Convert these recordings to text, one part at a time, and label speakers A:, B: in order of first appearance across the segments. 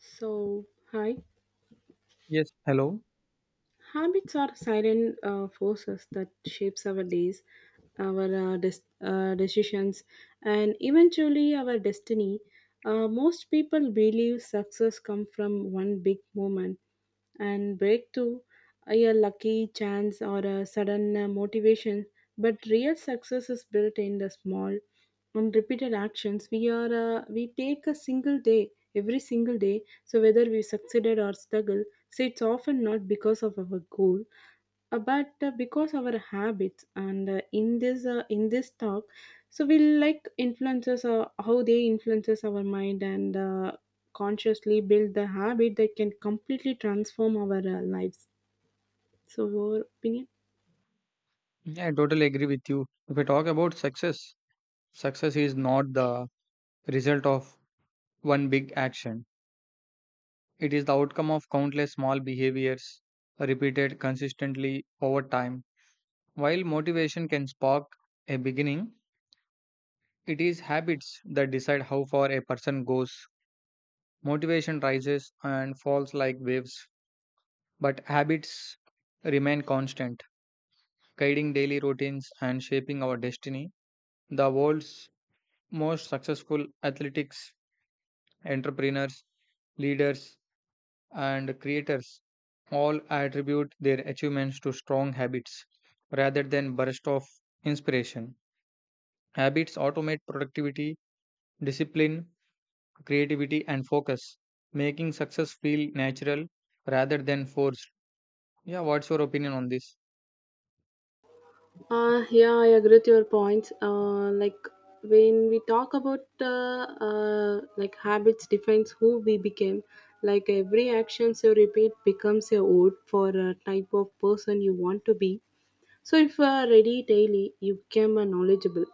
A: So, hi.
B: Yes, hello.
A: Habits are silent forces that shapes our days, our decisions, and eventually our destiny. Most people believe success comes from one big moment and breakthrough, a lucky chance or a sudden motivation. But real success is built in the small and repeated actions. We take a single day, every single day, so, whether we succeeded or struggle, so it's often not because of our goal, but because our habits. And in this talk, so we like influences how they influences our mind and consciously build the habit that can completely transform our lives. So, your opinion?
B: Yeah, I totally agree with you. If we talk about success, success is not the result of one big action. It is the outcome of countless small behaviors repeated consistently over time. While motivation can spark a beginning, it is habits that decide how far a person goes. Motivation rises and falls like waves, but habits remain constant, guiding daily routines and shaping our destiny. The world's most successful athletics, entrepreneurs, leaders, and creators all attribute their achievements to strong habits rather than bursts of inspiration. Habits automate productivity, discipline, creativity, and focus, making success feel natural rather than forced. Yeah, what's your opinion on this?
A: Yeah, I agree with your points. Like when we talk about like habits defines who we became. Like every actions you repeat becomes a vote for a type of person you want to be. So if you are ready daily, you become a knowledgeable.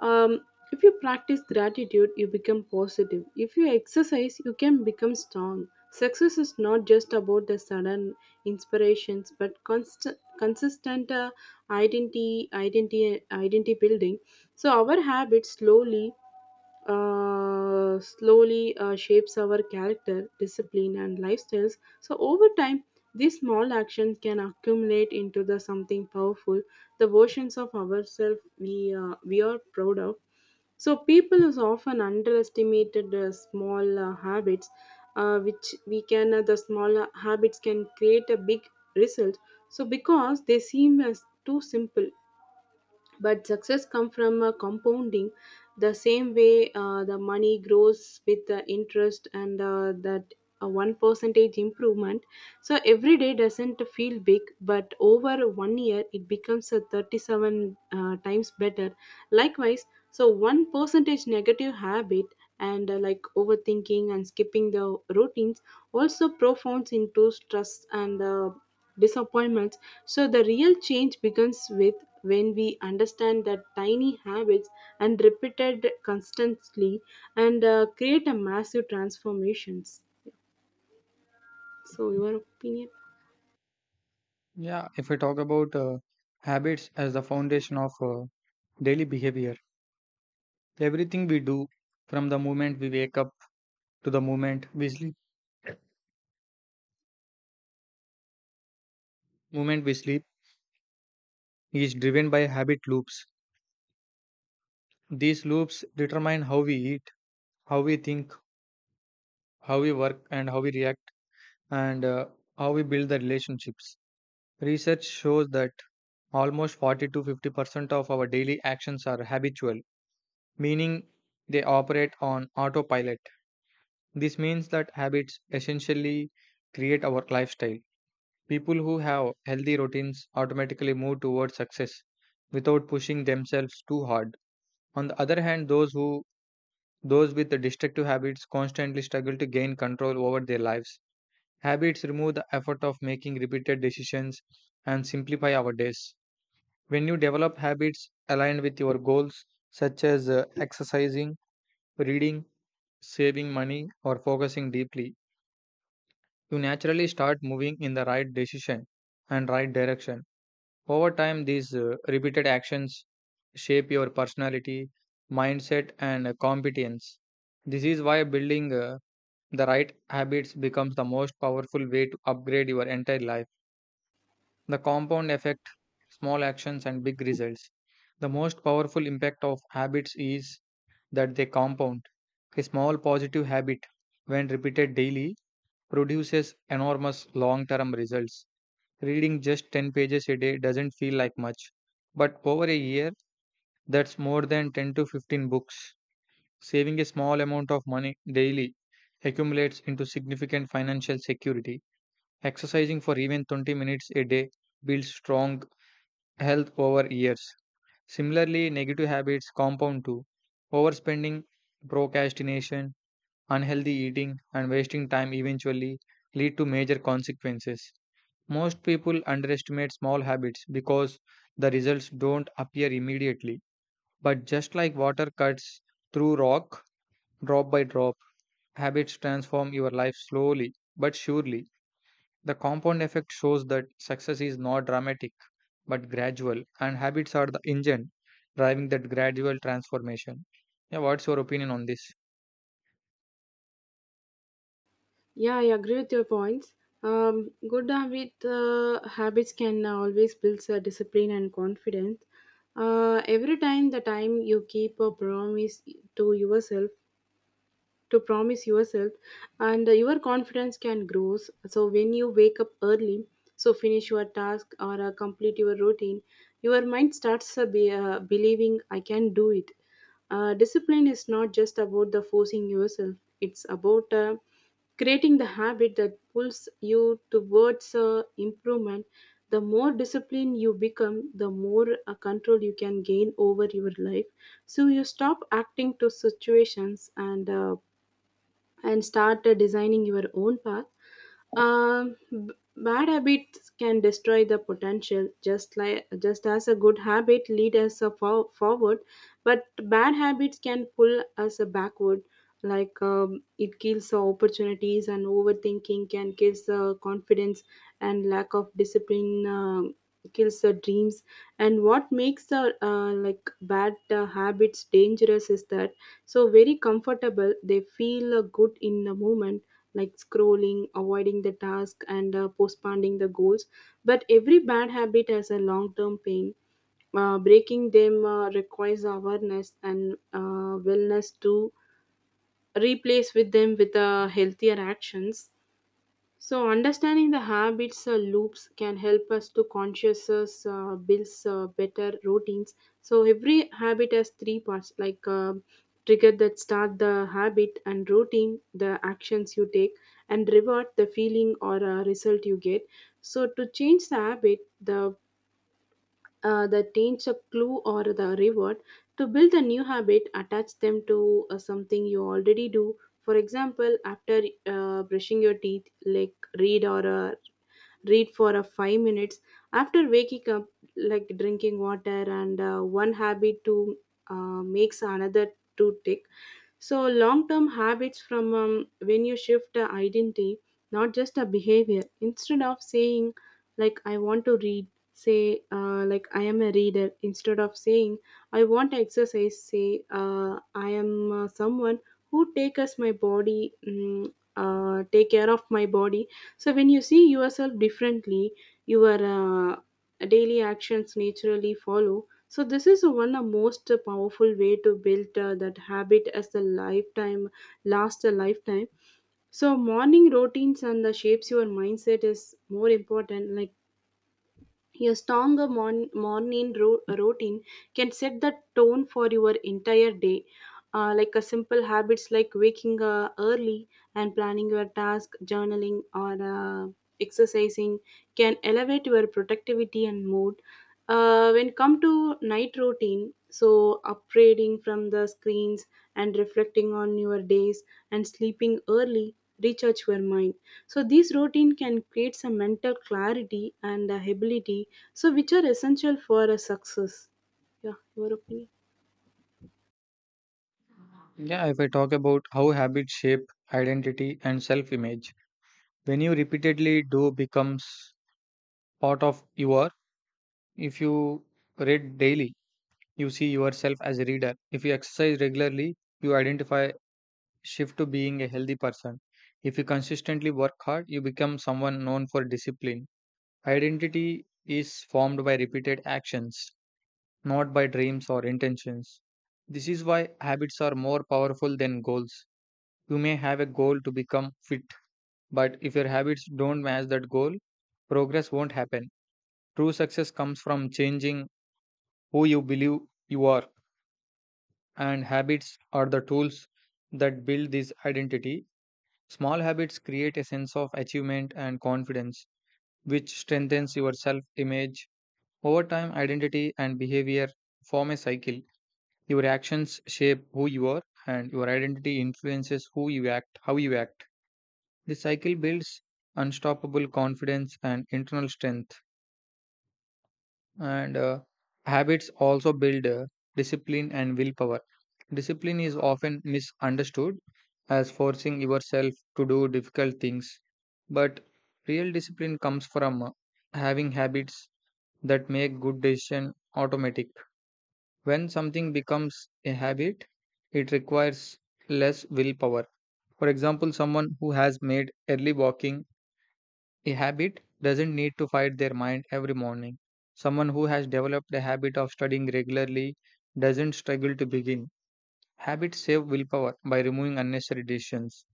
A: Um, if you practice gratitude, you become positive. If you exercise, you can become strong. Success is not just about the sudden inspirations, but constant, consistent identity building. So our habits slowly shapes our character, discipline, and lifestyles. So, over time, these small actions can accumulate into the something powerful, the versions of ourselves we are proud of. So, people is often underestimated small habits, which we can the small habits can create a big result. So, because they seem as too simple but success comes from compounding the same way the money grows with the interest and that one percentage improvement so every day doesn't feel big, but over 1 year it becomes a 37 times better. Likewise, so one percentage negative habit and like overthinking and skipping the routines also profounds into stress and disappointments. So the real change begins with when we understand that tiny habits and repeated constantly and create a massive transformations. So your opinion?
B: Yeah, if we talk about habits as the foundation of daily behavior, everything we do from the moment we wake up to the moment we sleep. Moment we sleep is driven by habit loops. These loops determine how we eat, how we think, how we work, and how we react, and how we build the relationships. Research shows that almost 40 to 50% of our daily actions are habitual, meaning they operate on autopilot. This means that habits essentially create our lifestyle. People who have healthy routines automatically move towards success without pushing themselves too hard. On the other hand, those with the destructive habits constantly struggle to gain control over their lives. Habits remove the effort of making repeated decisions and simplify our days. When you develop habits aligned with your goals, such as exercising, reading, saving money, or focusing deeply, you naturally start moving in the right decision and right direction. Over time, these repeated actions shape your personality, mindset, and competence. This is why building the right habits becomes the most powerful way to upgrade your entire life. The compound effect, small actions, and big results. The most powerful impact of habits is that they compound. A small positive habit, when repeated daily, produces enormous long term results. Reading just 10 pages a day doesn't feel like much, but over a year, that's more than 10 to 15 books. Saving a small amount of money daily accumulates into significant financial security. Exercising for even 20 minutes a day builds strong health over years. Similarly, negative habits compound too. Overspending, procrastination, unhealthy eating, and wasting time eventually lead to major consequences. Most people underestimate small habits because the results don't appear immediately. But just like water cuts through rock, drop by drop, habits transform your life slowly but surely. The compound effect shows that success is not dramatic but gradual, and habits are the engine driving that gradual transformation. Yeah, what's your opinion on this?
A: Yeah, I agree with your points. Habits can always build discipline and confidence. Every time you keep a promise to yourself, to promise yourself and your confidence can grow so when you wake up early so finish your task or complete your routine your mind starts believing I can do it. Discipline is not just about the forcing yourself. It's about creating the habit that pulls you towards improvement. The more disciplined you become the more control you can gain over your life, so you stop acting to situations and start designing your own path. Bad habits can destroy the potential, just like just as a good habit lead us a forward, but bad habits can pull us a backward. Like it kills the opportunities, and overthinking can kills the confidence, and lack of discipline kills the dreams. And what makes the like bad habits dangerous is that so very comfortable. They feel good in the moment like scrolling, avoiding the task, and postponing the goals. But every bad habit has a long term pain. Breaking them requires awareness and wellness to replace with them with healthier actions, so understanding the habits loops can help us to conscious us, builds better routines. So, every habit has three parts like trigger that start the habit, and routine, the actions you take, and reward, the feeling or result you get. So, to change the habit, the that change a clue or the reward. To build a new habit attach them to something you already do, for example after brushing your teeth like read for a 5 minutes after waking up like drinking water, and one habit to makes another to tick. So long term habits from when you shift identity not just a behavior. Instead of saying like I want to read, say like I am a reader. Instead of saying I want exercise, say I am someone who takes my body take care of my body. So when you see yourself differently your daily actions naturally follow, so this is one of the most powerful way to build that habit as the lifetime last a lifetime. So morning routines and the shapes your mindset is more important. Like your stronger morning routine can set the tone for your entire day. Like a simple habits like waking early and planning your task, journaling, or exercising can elevate your productivity and mood. When come to night routine, so upgrading from the screens and reflecting on your days and sleeping early recharge your mind. So this routine can create some mental clarity and ability, so which are essential for a success. Yeah, your opinion.
B: Yeah, if I talk about how habits shape identity and self image, when you repeatedly do becomes part of your. If you read daily, you see yourself as a reader. If you exercise regularly, you identify shift to being a healthy person. If you consistently work hard, you become someone known for discipline. Identity is formed by repeated actions, not by dreams or intentions. This is why habits are more powerful than goals. You may have a goal to become fit, but if your habits don't match that goal, progress won't happen. True success comes from changing who you believe you are, and habits are the tools that build this identity. Small habits create a sense of achievement and confidence, which strengthens your self image. Over time, identity and behavior form a cycle. Your actions shape who you are, and your identity influences how you act. This cycle builds unstoppable confidence and internal strength. And habits also build discipline and willpower. Discipline is often misunderstood as forcing yourself to do difficult things, but real discipline comes from having habits that make good decision automatic. When something becomes a habit, it requires less willpower. For example, someone who has made early walking a habit doesn't need to fight their mind every morning. Someone who has developed a habit of studying regularly doesn't struggle to begin. Habits save willpower by removing unnecessary decisions.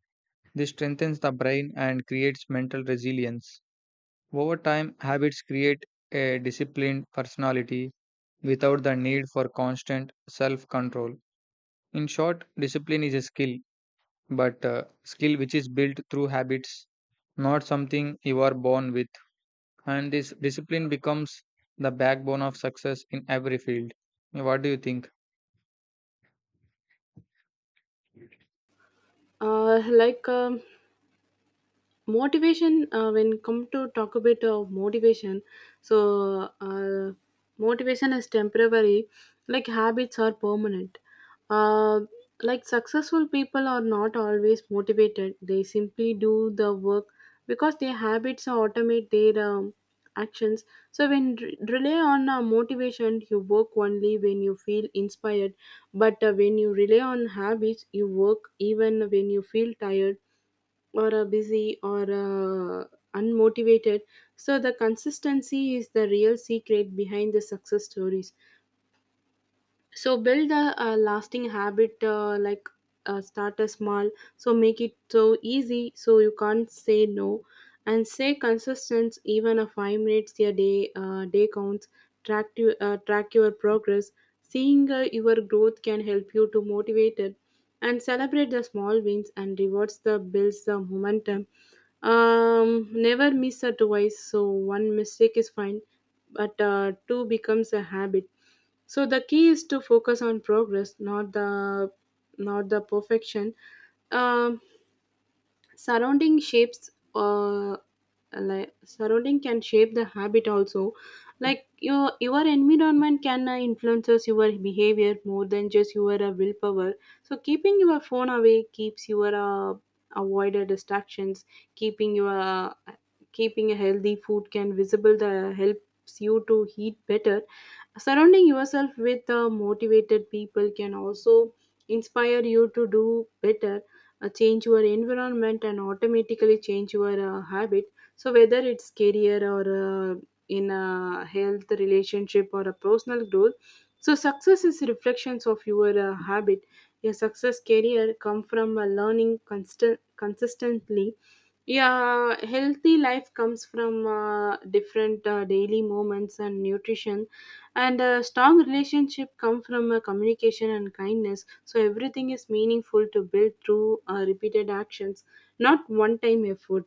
B: This strengthens the brain and creates mental resilience. Over time, habits create a disciplined personality without the need for constant self control. In short, discipline is a skill, but a skill which is built through habits, not something you are born with. And this discipline becomes the backbone of success in every field. What do you think?
A: uh, like um, Motivation when come to talk a bit of motivation, so uh, motivation is temporary like habits are permanent. uh, like successful people are not always motivated, they simply do the work because their habits automate their actions. So when rely on motivation you work only when you feel inspired, but when you rely on habits you work even when you feel tired or busy or unmotivated. So the consistency is the real secret behind the success stories. So build a lasting habit, start a small, so make it so easy so you can't say no, and say consistent. Even a 5 minutes a day day counts. Track your progress, seeing your growth can help you to motivate it, and celebrate the small wins and rewards the builds the momentum. Never miss a twice, so one mistake is fine but two becomes a habit. So the key is to focus on progress, not the perfection. Um, surrounding shapes Like surrounding can shape the habit also, like your environment can influences your behavior more than just your willpower. So keeping your phone away keeps your avoided distractions. keeping your uh, Keeping a healthy food can visible the helps you to eat better. Surrounding yourself with motivated people can also inspire you to do better. Change your environment and automatically change your habit. So whether it's career or in a health relationship or a personal growth, so success is reflections of your habit. Your success career come from learning constant consistently. Yeah, healthy life comes from different daily moments and nutrition, and a strong relationship come from communication and kindness. So everything is meaningful to build through repeated actions, not one time effort.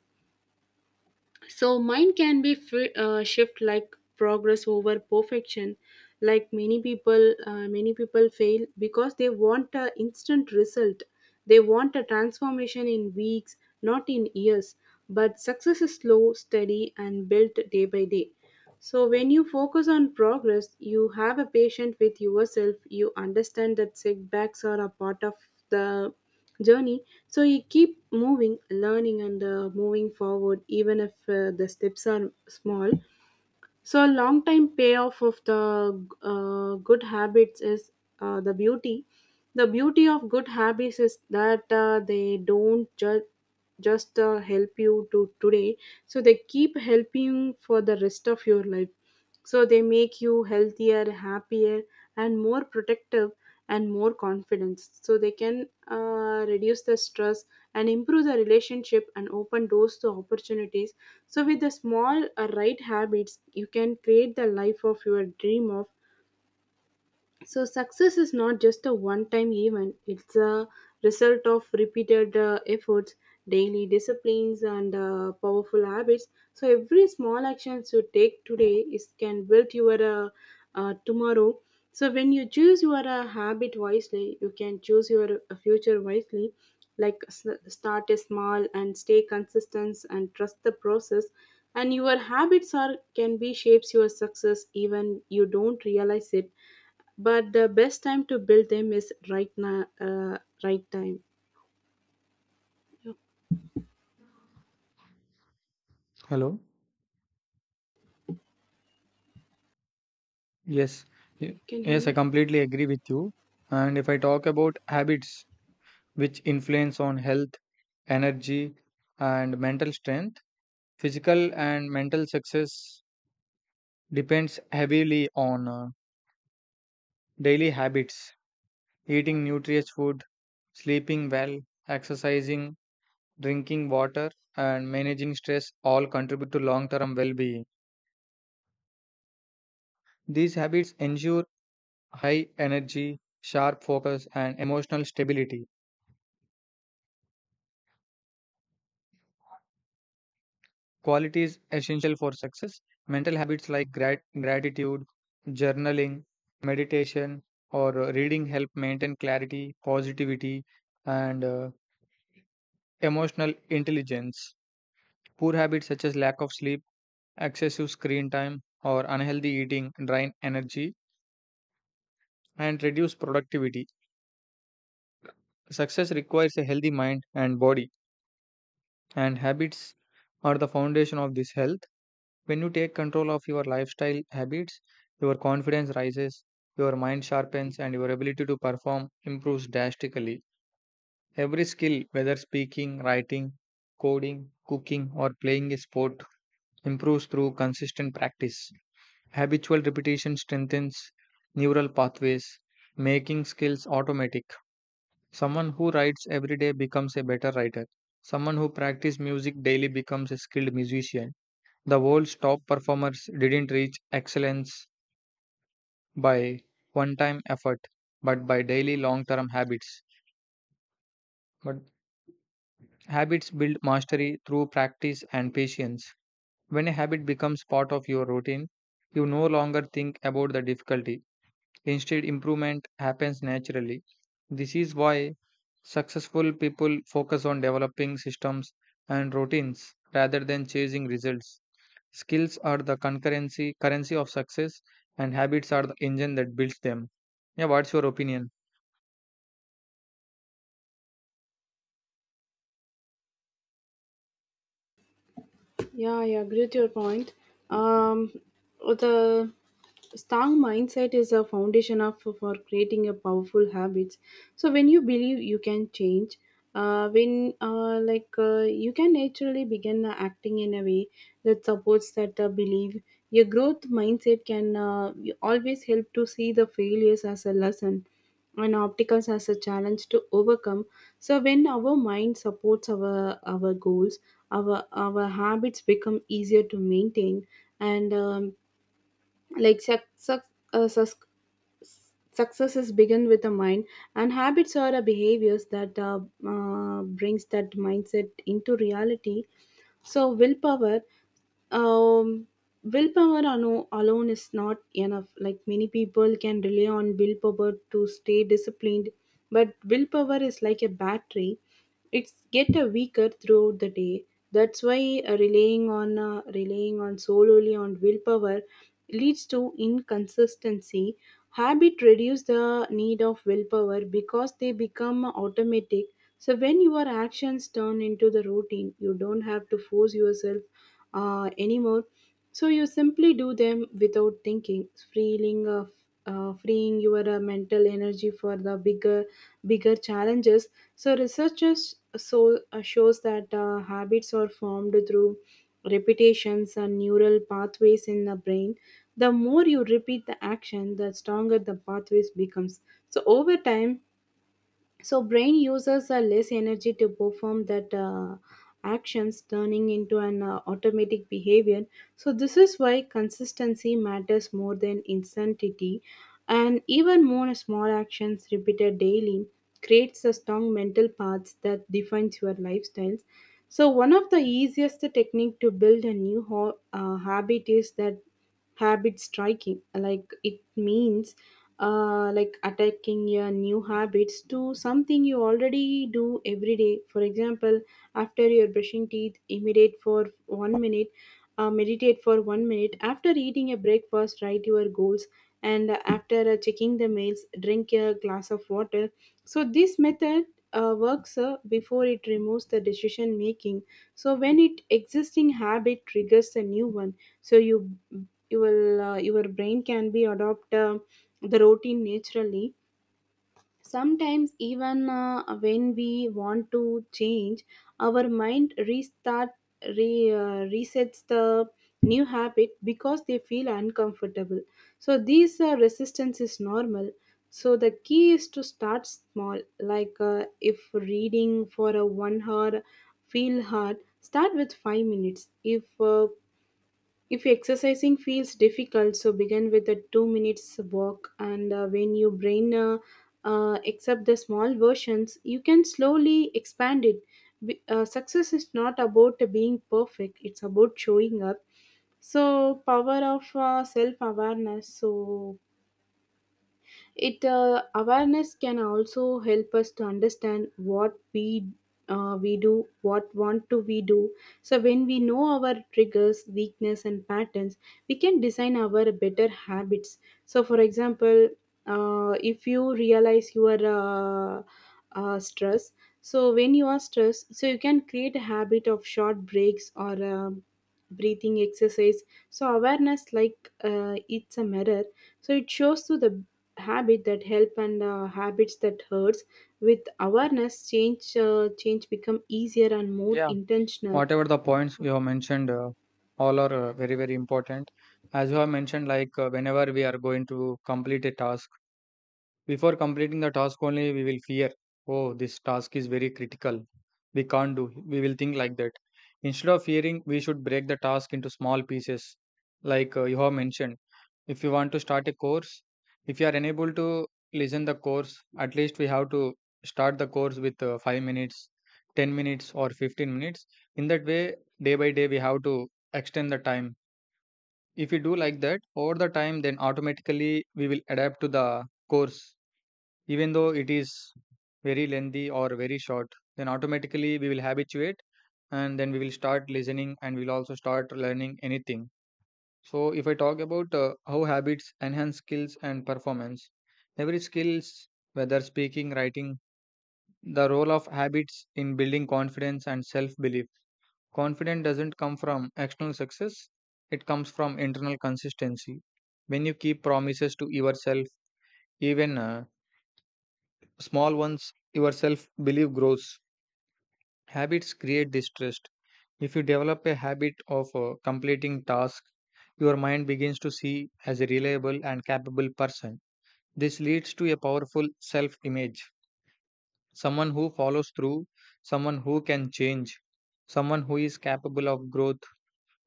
A: So mind can be free, shift like progress over perfection. Many people fail because they want an instant result. They want a transformation in weeks, not in years. But success is slow, steady, and built day by day. So, when you focus on progress, you have a patient with yourself, you understand that setbacks are a part of the journey. So, you keep moving, learning, and moving forward, even if the steps are small. So, a long time payoff of the good habits is uh, the beauty. The beauty of good habits is that they don't just help you to today, so they keep helping for the rest of your life. So they make you healthier, happier, and more protective, and more confident. So they can reduce the stress and improve the relationship and open doors to opportunities. So with the small right habits you can create the life of your dream of. So success is not just a one-time event; it's a result of repeated efforts, daily disciplines, and powerful habits. So every small action you take today is can build your tomorrow. So when you choose your habit wisely, you can choose your future wisely. Like start a small and stay consistent and trust the process. And your habits are can be shapes your success even you don't realize it, but the best time to build them is right now, right time. Yeah,
B: Hello. Yes. y-
A: can you hear
B: yes, I
A: me?
B: completely agree with you. And if I talk about habits which influence on health, energy, and mental strength, physical and mental success depends heavily on daily habits. Eating nutritious food, sleeping well, exercising, drinking water, and managing stress all contribute to long term well being. These habits ensure high energy, sharp focus, and emotional stability, qualities essential for success. Mental habits like gratitude, journaling, meditation, or reading help maintain clarity, positivity, and emotional intelligence. Poor habits such as lack of sleep, excessive screen time, or unhealthy eating drain energy and reduce productivity. Success requires a healthy mind and body, and habits are the foundation of this health. When you take control of your lifestyle habits, your confidence rises, your mind sharpens, and your ability to perform improves drastically. Every skill, whether speaking, writing, coding, cooking, or playing a sport, improves through consistent practice. Habitual repetition strengthens neural pathways, making skills automatic. Someone who writes every day becomes a better writer. Someone who practices music daily becomes a skilled musician. The world's top performers didn't reach excellence by one time effort, but by daily long term habits. But habits build mastery through practice and patience. When a habit becomes part of your routine, you no longer think about the difficulty. Instead, improvement happens naturally. This is why successful people focus on developing systems and routines rather than chasing results. Skills are the concurrency currency of success, and habits are the engine that builds them. Yeah, what's your opinion?
A: Yeah, I agree with your point. Um, the strong mindset is a foundation of for creating a powerful habits. So when you believe you can change, when like you can naturally begin acting in a way that supports that belief. Your growth mindset can always help to see the failures as a lesson and obstacles as a challenge to overcome. So when our mind supports our goals, our habits become easier to maintain, and like suc suc- sus- successes begin with the mind, and habits are the behaviors that brings that mindset into reality. So willpower, um, willpower alone is not enough. Like, many people can rely on willpower to stay disciplined, but willpower is like a battery. It's get a weaker throughout the day. That's why relying on solely on willpower leads to inconsistency. Habit reduce the need of willpower because they become automatic. So when your actions turn into the routine, you don't have to force yourself anymore. So you simply do them without thinking, freeing your mental energy for the bigger challenges. So researchers shows that habits are formed through repetitions and neural pathways in the brain. The more you repeat the action, the stronger the pathways becomes. So over time, so brain uses less energy to perform that actions, turning into an automatic behavior. So this is why consistency matters more than instantity, and even more small actions repeated daily creates a strong mental paths that defines your lifestyles. So one of the easiest technique to build a new habit is that habit striking. Like, it means like attacking your new habits to something you already do every day. For example, after you're brushing teeth, imitate for 1 minute. Meditate for 1 minute after eating a breakfast, write your goals, and after checking the mails, drink a glass of water. So this method works before it removes the decision making. So when it existing habit triggers a new one, so you will your brain can be adopt the routine naturally. Sometimes even when we want to change, our mind restart, resets the new habit because they feel uncomfortable. So these resistance is normal. So the key is to start small. Like, if reading for a 1 hour feel hard, start with 5 minutes. If if exercising feels difficult, so begin with a 2 minutes walk, and when your brain accept the small versions, you can slowly expand it. Success is not about being perfect; it's about showing up. So, power of self awareness. So, it awareness can also help us to understand what we do what want to we do. So when we know our triggers, weakness and patterns, we can design our better habits. So for example, if you realize you are stressed, so when you are stressed, so you can create a habit of short breaks or breathing exercise. So awareness, like it's a mirror. So it shows to the habit that help and habits that hurts. With awareness, change change become easier and more
B: Yeah,
A: intentional.
B: whatever the points you have mentioned, all are very very important. As you have mentioned, like whenever we are going to complete a task, before completing the task only we will fear, oh, this task is very critical. We can't do. We will think like that. Instead of fearing, we should break the task into small pieces, like you have mentioned. If you want to start a course, if you are unable to listen the course, at least we have to start the course with 5 minutes, 10 minutes or 15 minutes. In that way, day by day we have to extend the time. If we do like that, over the time then automatically we will adapt to the course even though it is very lengthy or very short. Then automatically we will habituate and then we will start listening and we'll also start learning anything. So, if I talk about how habits enhance skills and performance, every skills, whether speaking, writing, the role of habits in building confidence and self belief. Confidence doesn't come from external success, it comes from internal consistency. When you keep promises to yourself, even small ones, your self belief grows. Habits create this trust. If you develop a habit of completing tasks, your mind begins to see as a reliable and capable person. This leads to a powerful self image, someone who follows through, someone who can change, someone who is capable of growth.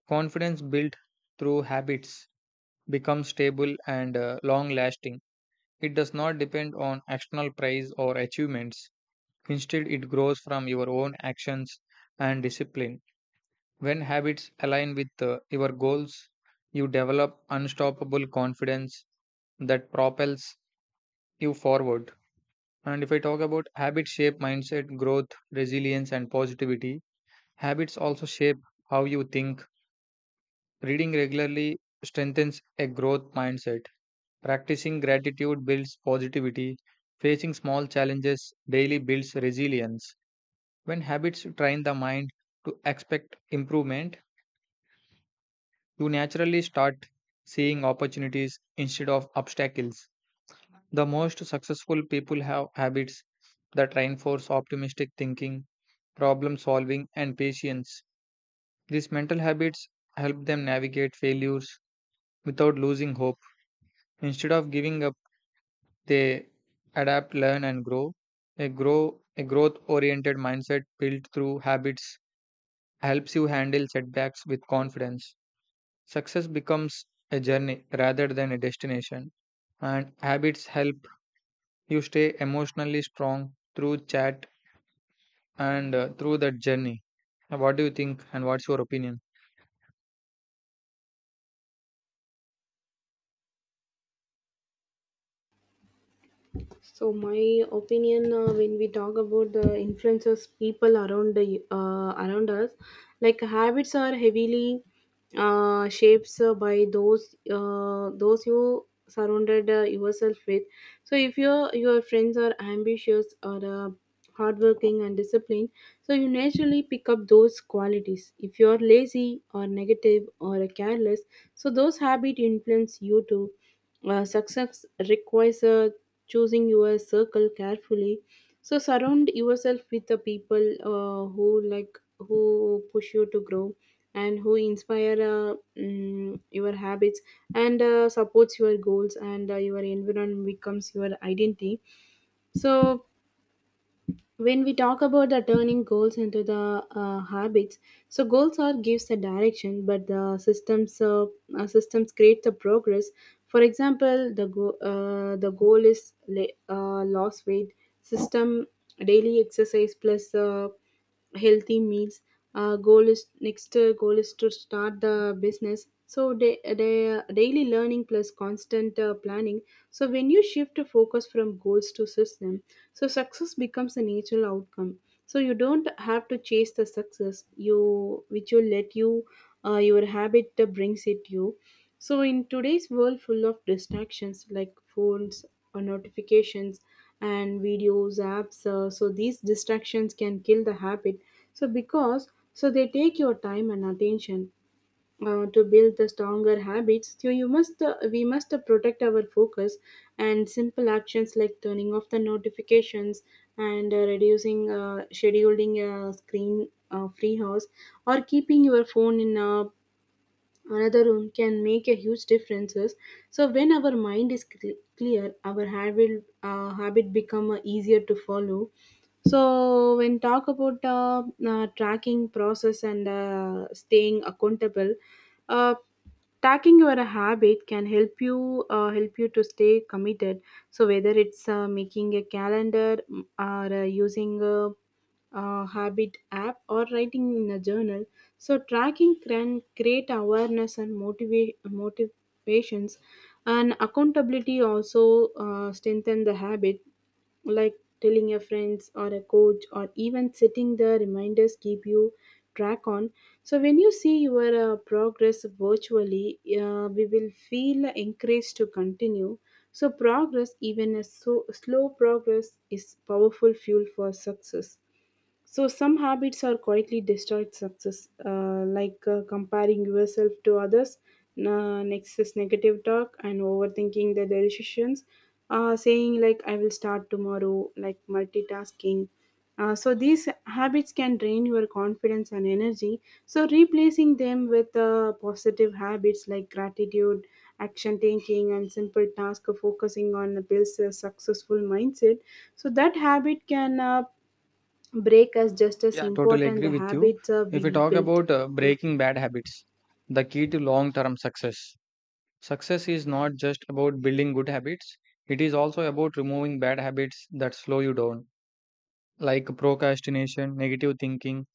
B: Confidence built through habits becomes stable and long lasting. It does not depend on external praise or achievements. Instead, it grows from your own actions and discipline. When habits align with your goals, you develop unstoppable confidence that propels you forward. And if I talk about habits shape mindset, growth, resilience, and positivity, habits also shape how you think. Reading regularly strengthens a growth mindset. Practicing gratitude builds positivity. Facing small challenges daily builds resilience. When habits train the mind to expect improvement, you naturally start seeing opportunities instead of obstacles. The most successful people have habits that reinforce optimistic thinking, problem solving, and patience. These mental habits help them navigate failures without losing hope. Instead of giving up, they adapt, learn, and grow. A growth oriented mindset built through habits helps you handle setbacks with confidence. Success becomes a journey rather than a destination, and habits help you stay emotionally strong through chat and through that journey. What do you think, and what's your opinion?
A: So, my opinion, when we talk about the influences people around the, around us, like habits are heavily shapes by those you surrounded yourself with. So, if your friends are ambitious or hardworking and disciplined, so you naturally pick up those qualities. If you are lazy or negative or careless, so those habits influence you too. Success requires choosing your circle carefully. So surround yourself with the people who like who push you to grow and who inspire your habits and supports your goals, and your environment becomes your identity. So when we talk about the turning goals into the habits, so goals are gives the direction, but the systems systems create the progress. For example, the the goal is loss weight, system daily exercise plus healthy meals. Goal is next, goal is to start the business, so they daily learning plus constant planning. So when you shift the focus from goals to system, so success becomes a natural outcome. So you don't have to chase the success, you which will let you your habit brings it you. So in today's world full of distractions like phones or notifications and videos apps, so these distractions can kill the habit. So because so they take your time and attention, to build the stronger habits, so you must we must protect our focus, and simple actions like turning off the notifications and reducing scheduling screen free house or keeping your phone in a another room can make a huge differences. So when our mind is clear, our habit become easier to follow. So when talk about tracking process and staying accountable, uh, tracking your habit can help you to stay committed. So whether it's making a calendar, or using a, habit app or writing in a journal, so tracking can create awareness and motivate motivations, and accountability also strengthen the habit, like telling your friends or a coach or even setting the reminders keep you track on. So when you see your progress virtually, we will feel encouraged to continue. So progress, even a so, slow progress is powerful fuel for success. So some habits are quietly destroyed success, like comparing yourself to others, na next is negative talk and overthinking the decisions, saying like I will start tomorrow, like multitasking. So these habits can drain your confidence and energy. So replacing them with positive habits like gratitude, action taking, and simple task of focusing on builds a successful mindset. So that habit can break as just as
B: Yeah, I totally
A: important
B: agree
A: the
B: with you.
A: habits
B: If we
A: we
B: talk
A: built.
B: about
A: Yeah, thank
B: breaking bad habits, the key to long term success. Success is not just about building good habits, it is also about removing bad habits that slow you down, like procrastination, negative thinking,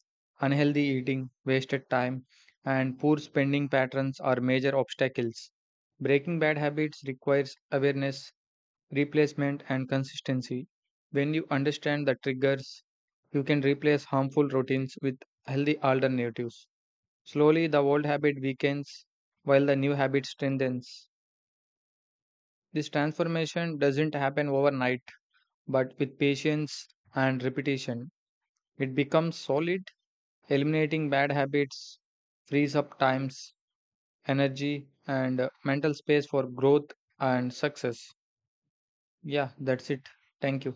B: unhealthy eating, wasted time, and poor spending patterns are major obstacles. Breaking bad habits requires awareness, replacement, and consistency. When you understand the triggers, you can replace harmful routines with healthy alternatives. Slowly, the old habit weakens while the new habit strengthens. This transformation doesn't happen overnight, but with patience and repetition, it becomes solid. Eliminating bad habits frees up times, energy, and mental space for growth and success. Yeah, that's it. Thank you.